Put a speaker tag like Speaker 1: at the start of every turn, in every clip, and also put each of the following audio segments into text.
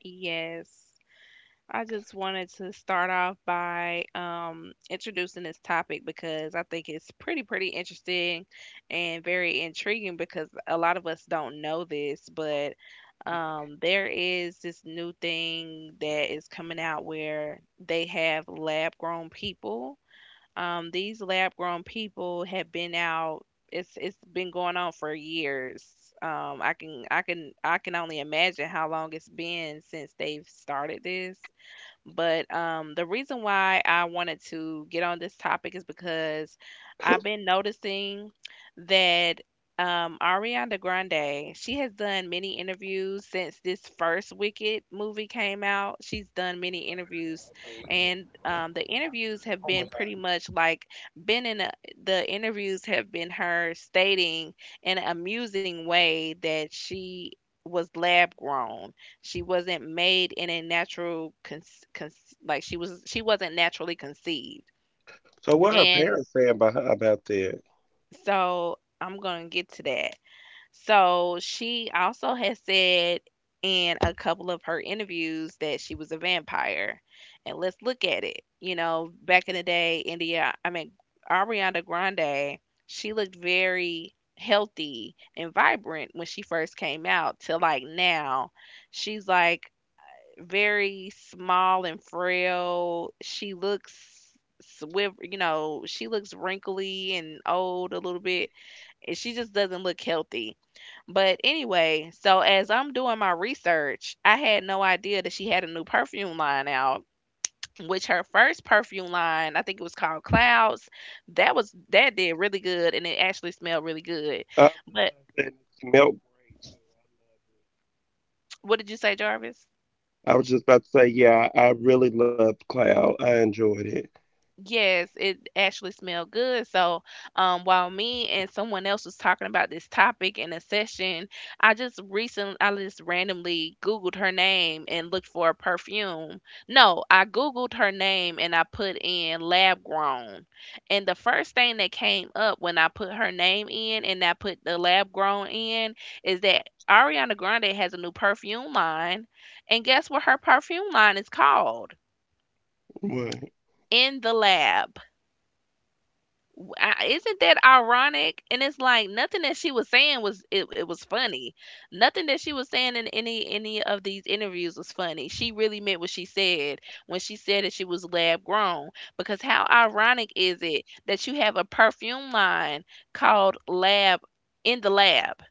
Speaker 1: Yes. I just wanted to start off by introducing this topic because I think it's pretty interesting and very intriguing because a lot of us don't know this, but there is this new thing that is coming out where they have lab grown people. These lab grown people have been out. It's been going on for years. I can I can only imagine how long it's been since they've started this. But the reason why I wanted to get on this topic is because I've been noticing that Ariana Grande, she has done many interviews since this first Wicked movie came out. She's done many interviews, and the interviews have been pretty much been in a, the interviews have been her stating in an amusing way that she was lab grown. She wasn't made in a natural con con like She was, she wasn't naturally conceived. And so I'm gonna get to that. So she also has said in a couple of her interviews that she was a vampire. And let's look at it. You know, back in the day, Ariana Grande, she looked very healthy and vibrant when she first came out to like now. She's like very small and frail. She looks swift, you know, she looks wrinkly and old a little bit, and she just doesn't look healthy. But anyway, so as I'm doing my research, I had no idea that she had a new perfume line out. Which her first perfume line, I think it was called Clouds, that was that did really good and it actually smelled really good. But what did you say, Jarvis? Yes, it actually smelled good. So, while me and someone else was talking about this topic in a session, I just randomly Googled her name and looked for a perfume. No, I Googled her name and I put in lab grown. And the first thing that came up when I put her name in and I put the lab grown in is that Ariana Grande has a new perfume line. And guess what her perfume line is called? In the Lab. Isn't that ironic? And it's like nothing that she was it was funny. Nothing that she was saying in any of these interviews was funny. She really meant what she said when she said that she was lab grown. Because how ironic is it that you have a perfume line called Lab in the Lab?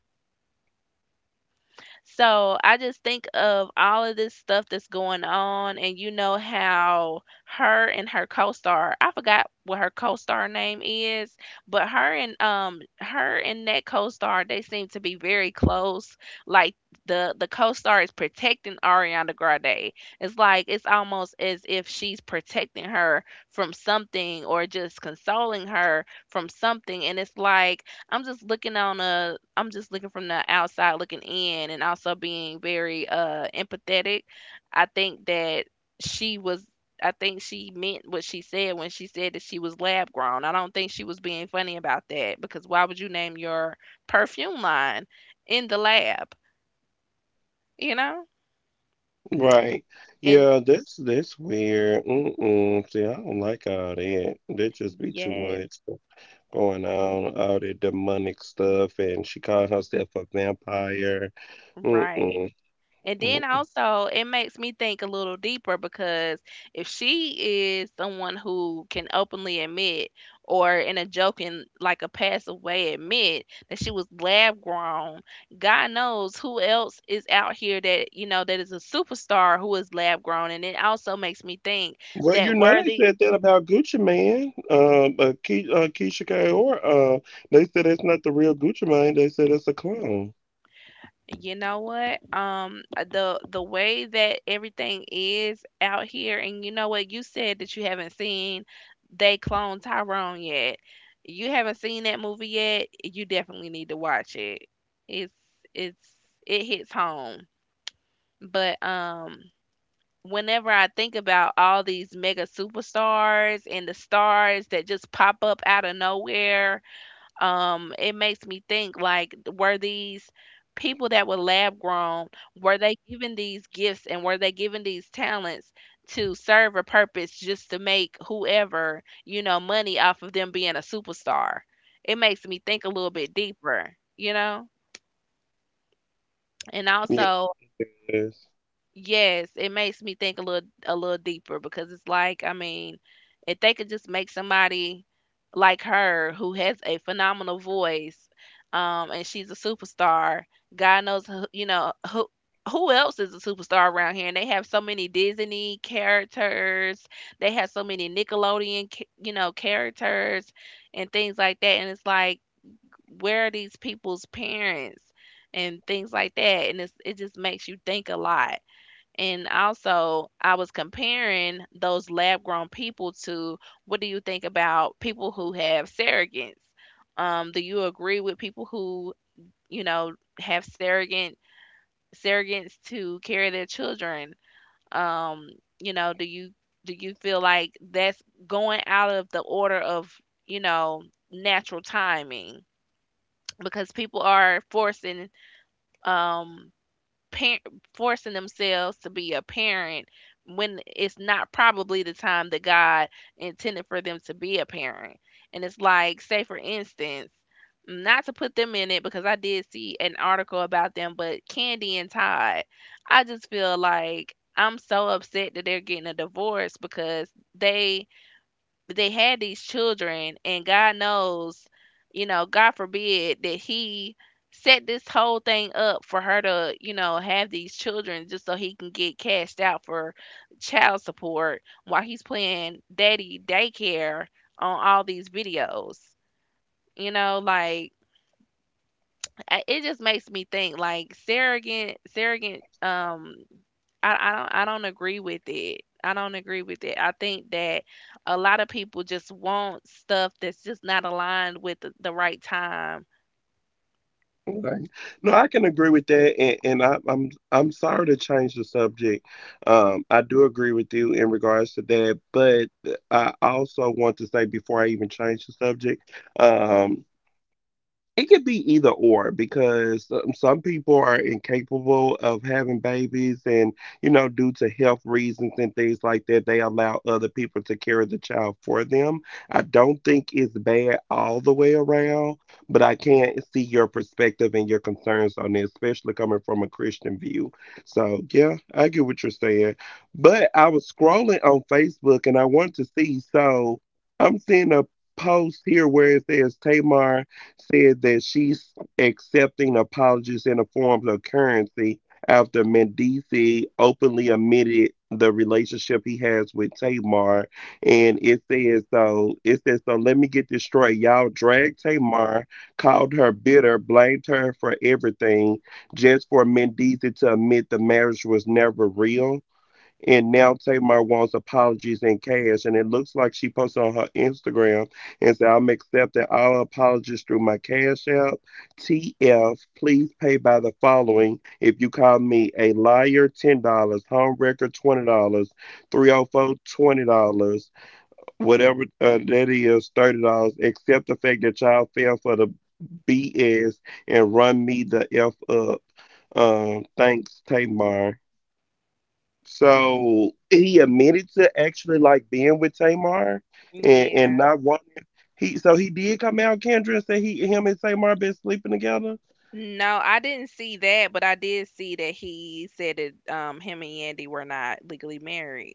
Speaker 1: So I just think of all of this stuff that's going on, and you know how her and her co-star, I forgot what her co-star name is, but her and that co-star, they seem to be very close. Like the co-star is protecting Ariana Grande. It's like it's almost as if she's protecting her from something or just consoling her from something, and it's like I'm just looking from the outside looking in and also being very empathetic. I think that she was, I think she meant what she said when she said that she was lab grown. I don't think she was being funny about that because why would you name your perfume line in the lab, you know? And yes, right. And then also, it makes me think a little deeper because if she is someone who can openly admit, or in a joking, like a passive way, admit that she was lab grown, God knows who else is out here that, you know, that is a superstar who is lab grown. And it also makes me think that Worthy. You know what? The way that everything is out here, and you know what? You said that you haven't seen they clone Tyrone yet. You haven't seen that movie yet. You definitely need to watch it. It's it's it hits home. But whenever I think about all these mega superstars and the stars that just pop up out of nowhere, it makes me think like were these people that were lab grown, were they given these gifts and were they given these talents to serve a purpose just to make whoever you know money off of them being a superstar. It makes me think a little bit deeper, you know, and also, yes, it makes me think a little deeper because it's like, I mean, if they could just make somebody like her who has a phenomenal voice, and she's a superstar, God knows who, you know, who else is a superstar around here? And they have so many Disney characters, they have so many you know, characters and things like that. And it's like, where are these people's parents? And things like that, and it's, it just makes you think a lot. And also, I was comparing those lab grown people to, what do you think about people who have surrogates? Do you agree with people who, you know, have surrogates to carry their children? Um, you know, do you, do you feel like that's going out of the order of, you know, natural timing? Because people are forcing um par- forcing themselves to be a parent when it's not probably the time that God intended for them to be a parent. And it's like, say for instance, not to put them in it because I did see an article about them, but Candy and Todd, I just feel like I'm so upset that they're getting a divorce because they had these children and God knows, you know, God forbid that he set this whole thing up for her to, you know, have these children just so he can get cashed out for child support while he's playing daddy daycare on all these videos, you know, like it just makes me think like surrogate, I, I don't agree with it. I don't agree with it. I think that a lot of people just want stuff that's just not aligned with the right time. Yeah. No, I didn't see that, but I did see that he said that him and Yandy were not legally married.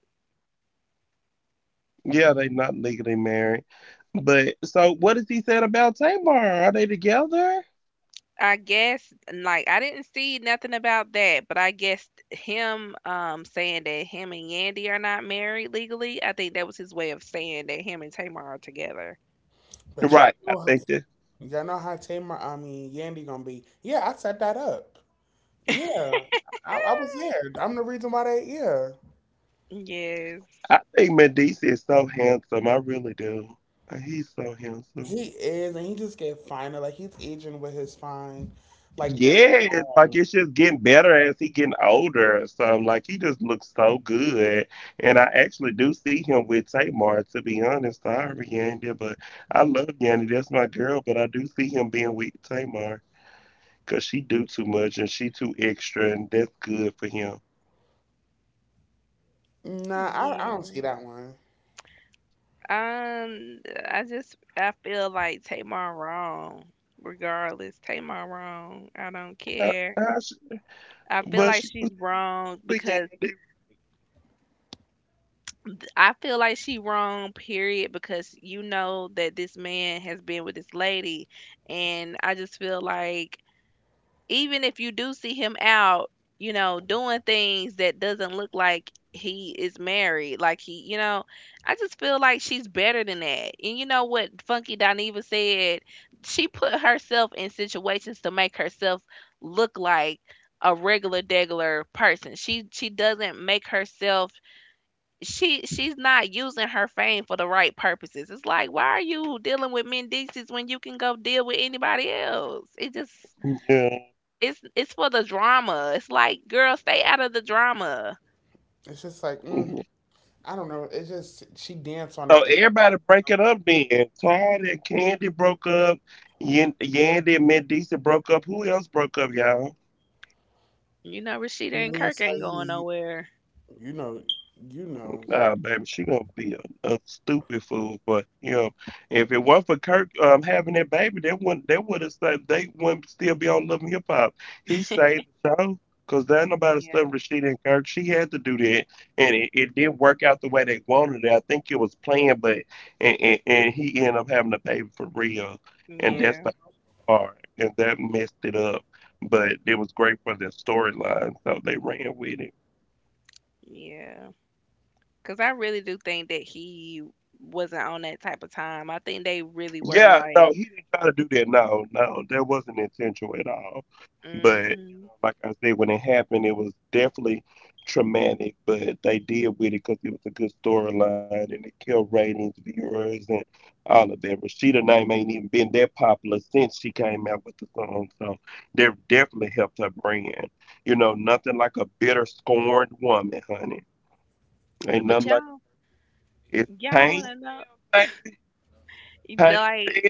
Speaker 1: I guess like I didn't see nothing about that, but I guess him saying that him and Yandy are not married legally, I think that was his way of saying that him and Tamar are together.
Speaker 2: But y'all know how Yandy gonna be. Yeah, I set that up. Yeah, I was there. I'm the reason why they, yeah.
Speaker 1: Yes.
Speaker 2: He is, and he just get finer. Like, he's aging with his fine. Like, Jim Jones. Nah, I don't
Speaker 1: Yes.
Speaker 2: see that one.
Speaker 1: Um, I just, I feel like Tamar wrong. Regardless, Tamar wrong. I don't care. I feel like she's wrong because I feel like she wrong. Period. Because you know that this man has been with this lady, and I just feel like even if you do see him out, you know, doing things that doesn't look like he is married, like he, you know, I just feel like she's better than that. And you know what Funky Dineva said? She put herself in situations to make herself look like a regular degular person. She doesn't make herself, she's not using her fame for the right purposes. It's like why are you dealing with Mendices when you can go deal with anybody else? It just, it's for the drama. It's like, girl, stay out of the drama.
Speaker 2: It's just like, I don't know. It's just, she danced on that. Me
Speaker 1: You know, Rashida and Kirk ain't going
Speaker 2: Saeed,
Speaker 1: nowhere.
Speaker 2: you know, you know.
Speaker 1: Yeah,
Speaker 2: Mm.
Speaker 1: yeah, yeah. Because I really do think that he wasn't on that type of time. I think they really were like, mm-hmm. But y'all, want to know? Like,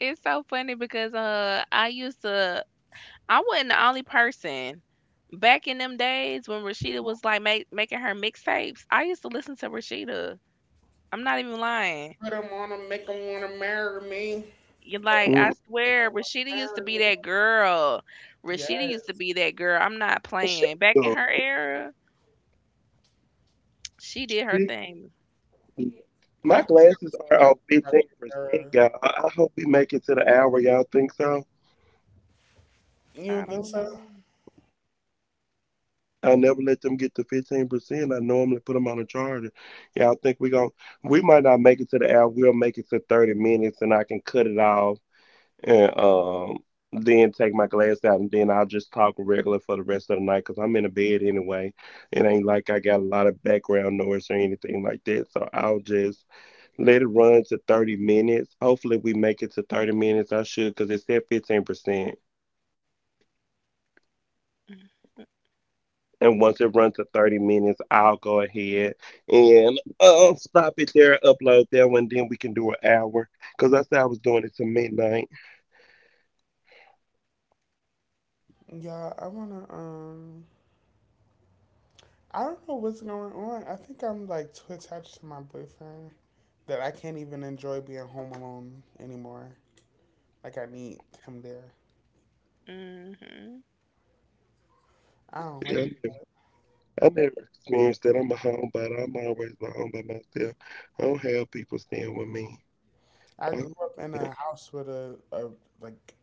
Speaker 1: it's so funny because I used to, I wasn't the only person. Back in them days when Rashida was like making her mixtapes, I used to listen to Rashida. I'm not even lying.
Speaker 2: Put him on him, make him want to marry me.
Speaker 1: You're
Speaker 2: Put
Speaker 1: like,
Speaker 2: him,
Speaker 1: I
Speaker 2: make
Speaker 1: swear,
Speaker 2: him want
Speaker 1: Rashida
Speaker 2: to
Speaker 1: used to
Speaker 2: marry
Speaker 1: be
Speaker 2: me.
Speaker 1: that girl. Rashida
Speaker 2: Yeah.
Speaker 1: used to be that girl. I'm not playing. Back in her era, she did her thing.
Speaker 2: I think I've seen y'all Project Era. You
Speaker 1: I
Speaker 2: don't think
Speaker 1: don't
Speaker 2: so?
Speaker 1: know.
Speaker 2: Yeah, I wanna. I don't know what's going on. I think I'm too attached to my boyfriend that I can't even enjoy being home alone anymore. Like I need him there.
Speaker 1: Mm-hmm.
Speaker 2: I don't like. I grew up in a house with a like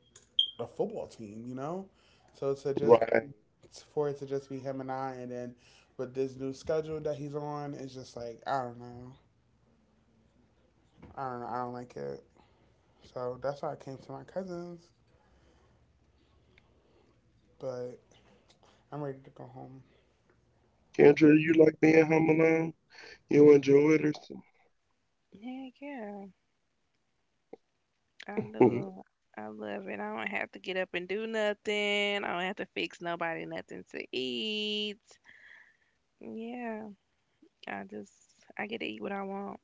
Speaker 2: a football team, you know. So to just for it to just be him and I, and then with this new schedule that he's on, it's just like I don't know. I don't know. I don't like it. So that's why I came to my cousin's, but I'm ready to go home.
Speaker 1: Heck yeah. I love I love it. I don't have to get up and do nothing. I don't have to fix nobody nothing to eat. Yeah. I just, I get to eat what I want.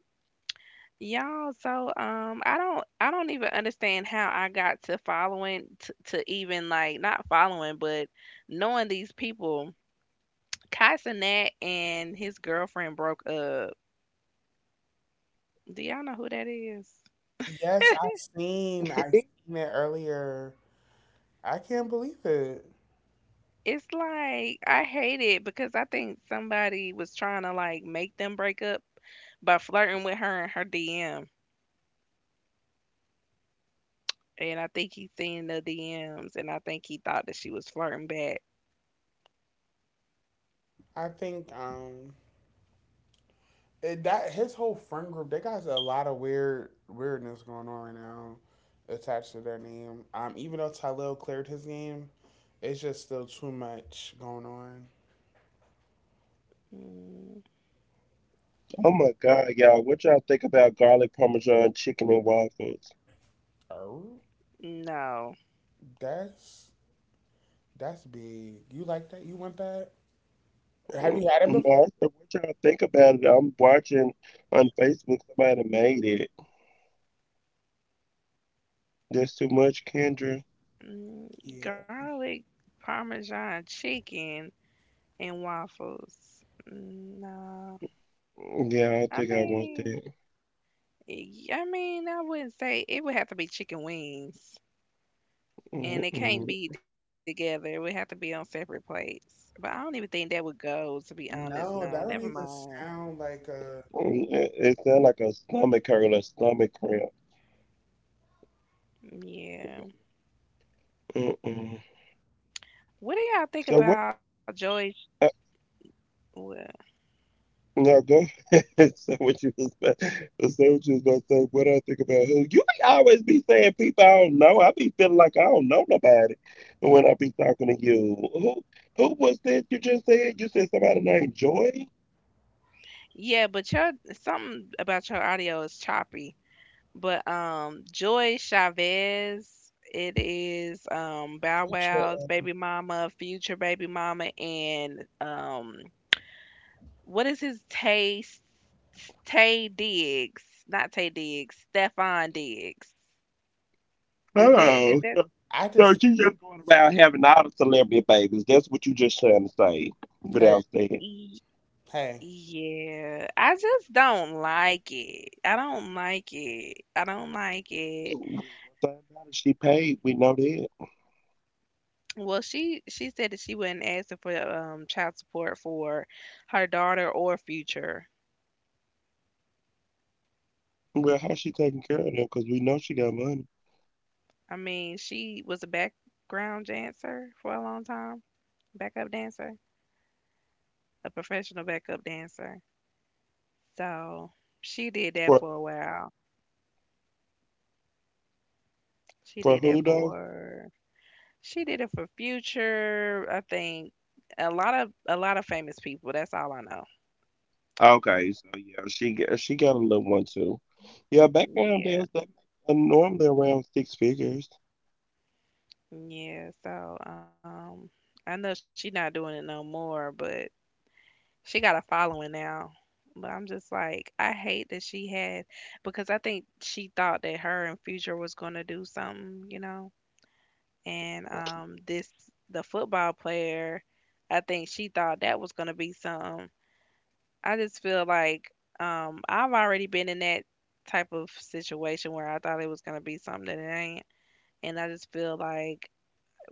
Speaker 1: Y'all, so I don't even understand how I got to to even like not following, but knowing these people. Kaisanat and his girlfriend broke up. Do y'all know who that is?
Speaker 2: Yes, I seen it earlier. I can't believe it.
Speaker 1: It's like I hate it because I think somebody was trying to like make them break up by flirting with her in her DM, and I think he seen the DMs, and I think he thought that she was flirting back.
Speaker 2: I think that his whole friend group they got a lot of weirdness going on right now attached to their name. Even though Tylil cleared his name, it's just still too much going on.
Speaker 1: Mm,
Speaker 2: Oh,
Speaker 1: no.
Speaker 2: that's that's big. You like that? You want that? Have you had it before?
Speaker 1: Mm,
Speaker 2: Yeah.
Speaker 1: garlic parmesan chicken and waffles. Mm, no, I mean, I mean, I wouldn't say it would have to be chicken wings, and it can't be together. It would have to be on separate plates. But I don't even think that would go, to be honest.
Speaker 2: No,
Speaker 1: No,
Speaker 2: that
Speaker 1: never
Speaker 2: don't even
Speaker 1: mind.
Speaker 2: sound like a
Speaker 1: Yeah. What do y'all think about Joyce? Well, yeah, but your something about your audio is choppy. But, Joy Chavez, it is, Bow
Speaker 2: future.
Speaker 1: Wow's baby mama, Future baby mama, and what is his Taste? Tay Diggs, not Tay Diggs, Stefan Diggs. Is that?
Speaker 2: I just, hey,
Speaker 1: y-
Speaker 2: hey,
Speaker 1: Yeah, I just don't like it. I don't like it. I don't like it. Well, she said that she wasn't asking for child support for her daughter or future. I mean, she was a background dancer for a long time, backup dancer, a professional backup dancer. So she did that for a while. She did that for she did it for Future, I think. A lot of famous people. That's all I know. Yeah, yeah. So I know she not doing it no more, but she got a following now, but I'm just like, I hate that she had because I think she thought that her and Future was gonna do something, you know, and this the football player, I think she thought that was gonna be something. I just feel like I've already been in that type of situation where I thought it was gonna be something that it ain't, and I just feel like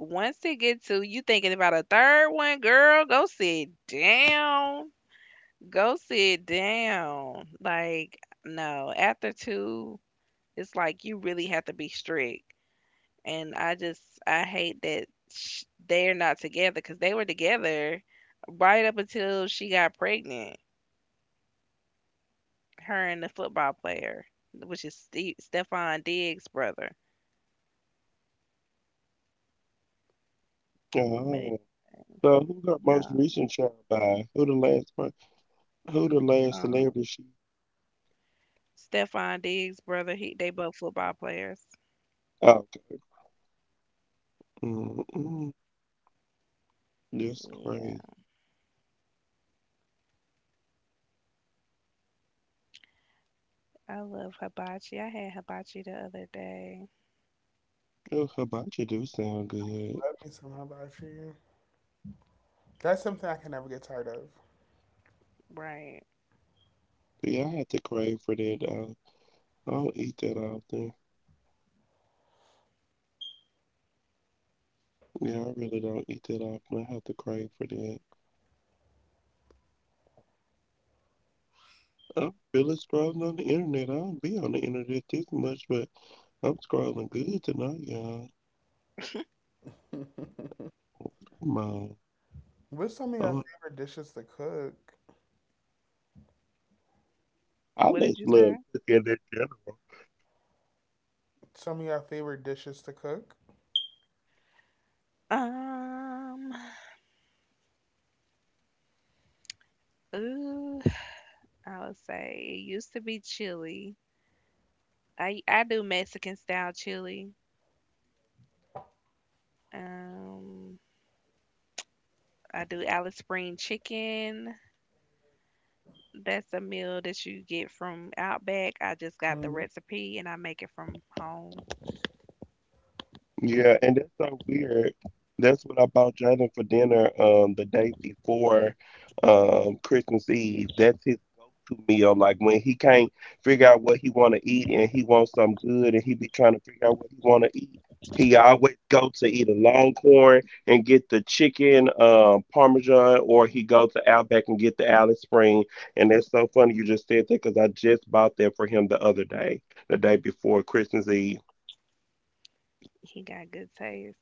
Speaker 1: once they get to you thinking about a third one, girl, go sit down. Go sit down. Like, no, after two, it's like you really have to be strict. And I hate that they're not together because they were together right up until she got pregnant, her and the football player, which is Stefan Diggs' brother. But it- yeah, uh, Stefan Diggs' brother, he, they both football players. Yeah, I love hibachi. I had hibachi the other day.
Speaker 2: love me somehow about you. That's something I can never get tired of.
Speaker 1: Right.
Speaker 2: What's some of your favorite dishes to cook?
Speaker 1: What did you say?
Speaker 2: Some of your favorite dishes to cook?
Speaker 1: Um, ooh, I would say it used to be chili. I do Mexican style chili. Um, I do Alice Spring chicken. That's a meal that you get from Outback. I just got the
Speaker 2: Mhm.
Speaker 1: recipe and I make it from home. Mm, he got good taste.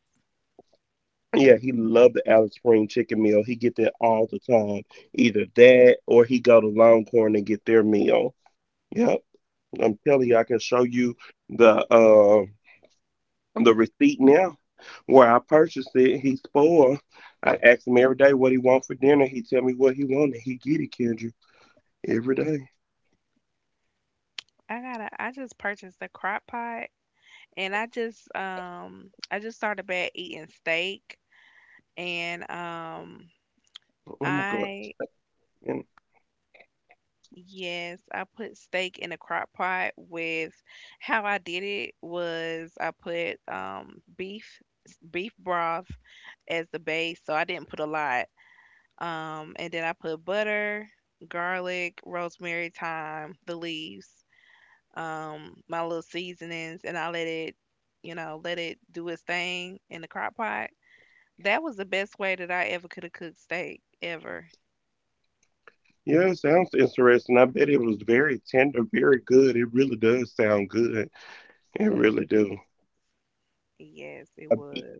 Speaker 1: I gotta. I just purchased a crock pot and I just started back eating steak and I yes, I put steak in a crock pot with. How I did it was I put beef broth as the base, so I didn't put a lot. And then I put butter, garlic, rosemary, thyme, the leaves, my little seasonings and I let it, you know, let it do its thing in the crock pot. That was the best way that I ever could have cooked steak ever. Yes, it was.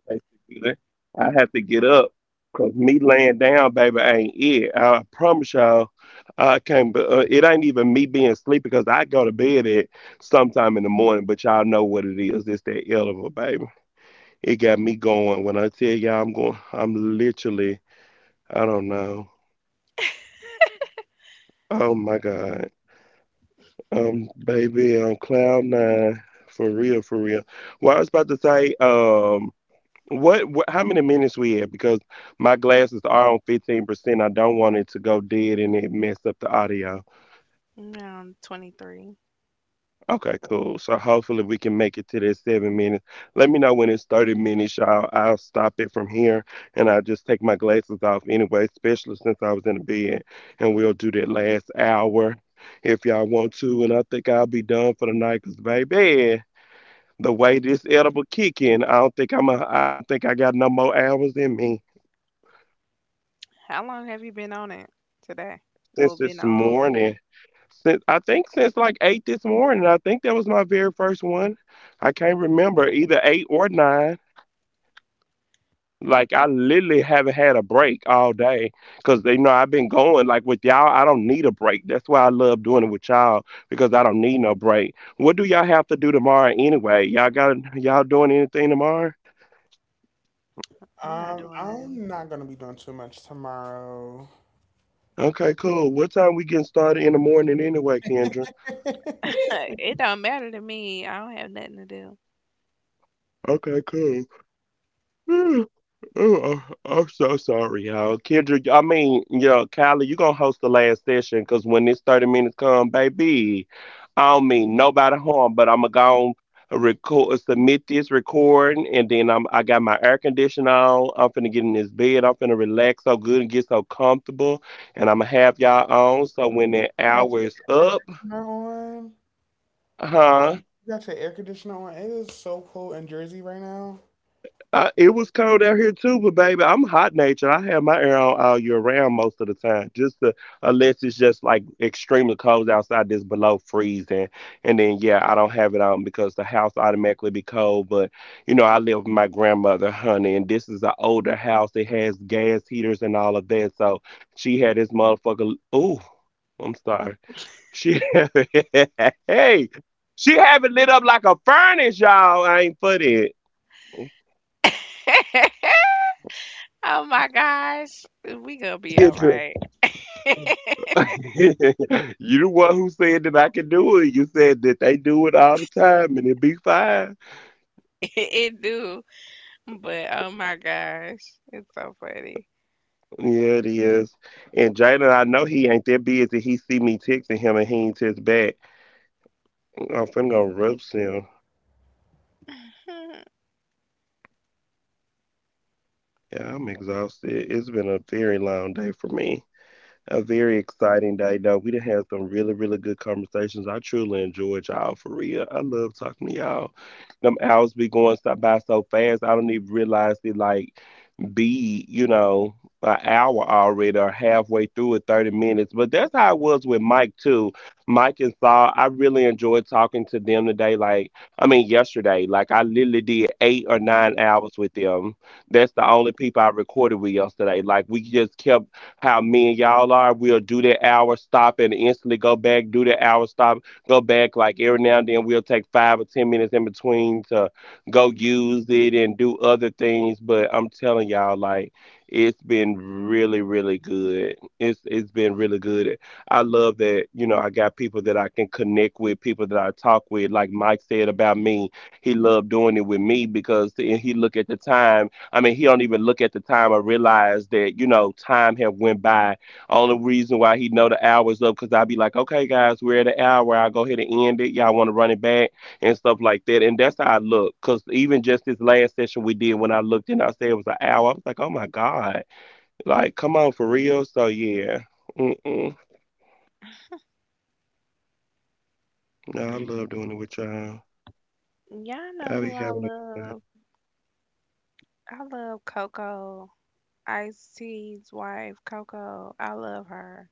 Speaker 1: Around 23. How long have you been on it today? Well, been on. I'm not doing nothing.
Speaker 2: I'm not gonna be doing too much tomorrow.
Speaker 1: It don't matter to me. I don't have nothing to do.
Speaker 2: You got your air conditioner on. You got your air conditioner on. It is so cool in Jersey right now.
Speaker 1: Oh my gosh, we gonna be all right. It do, but oh my gosh, it's so funny. Hmm, y'all know who I love. I love Coco. Ice T's wife, Coco. I love her.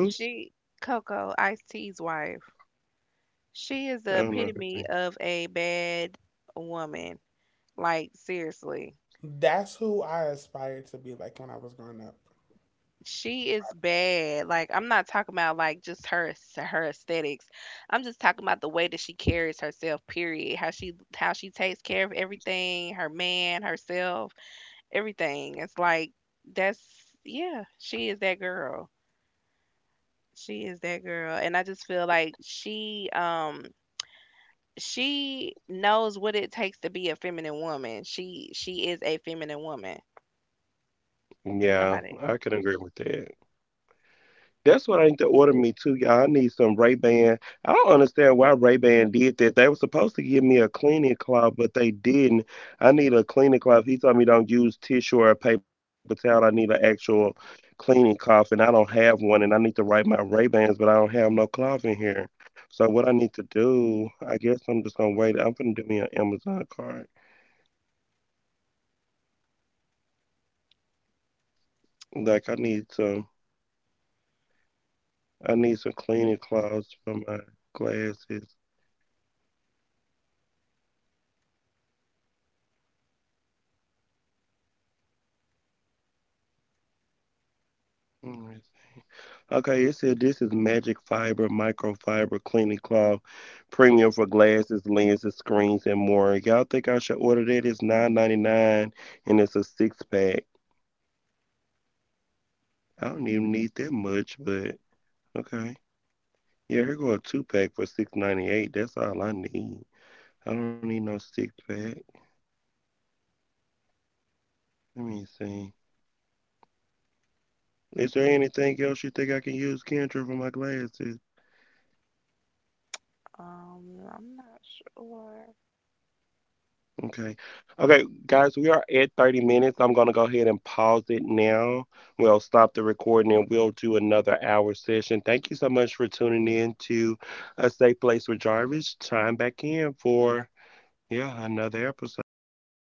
Speaker 1: She Coco, Ice T's wife. She is the epitome of a bad woman. Like seriously,
Speaker 2: That's who I aspired to be like when I was growing up.
Speaker 1: she is bad. Like I'm not talking about like just her aesthetics. I'm just talking about the way that she carries herself. Period. How she takes care of everything, her man, herself, everything. It's like that's yeah. She is that girl. She is that girl, and I just feel like she knows what it takes to be a feminine woman. She is a feminine woman. Nobody. I'm not sure.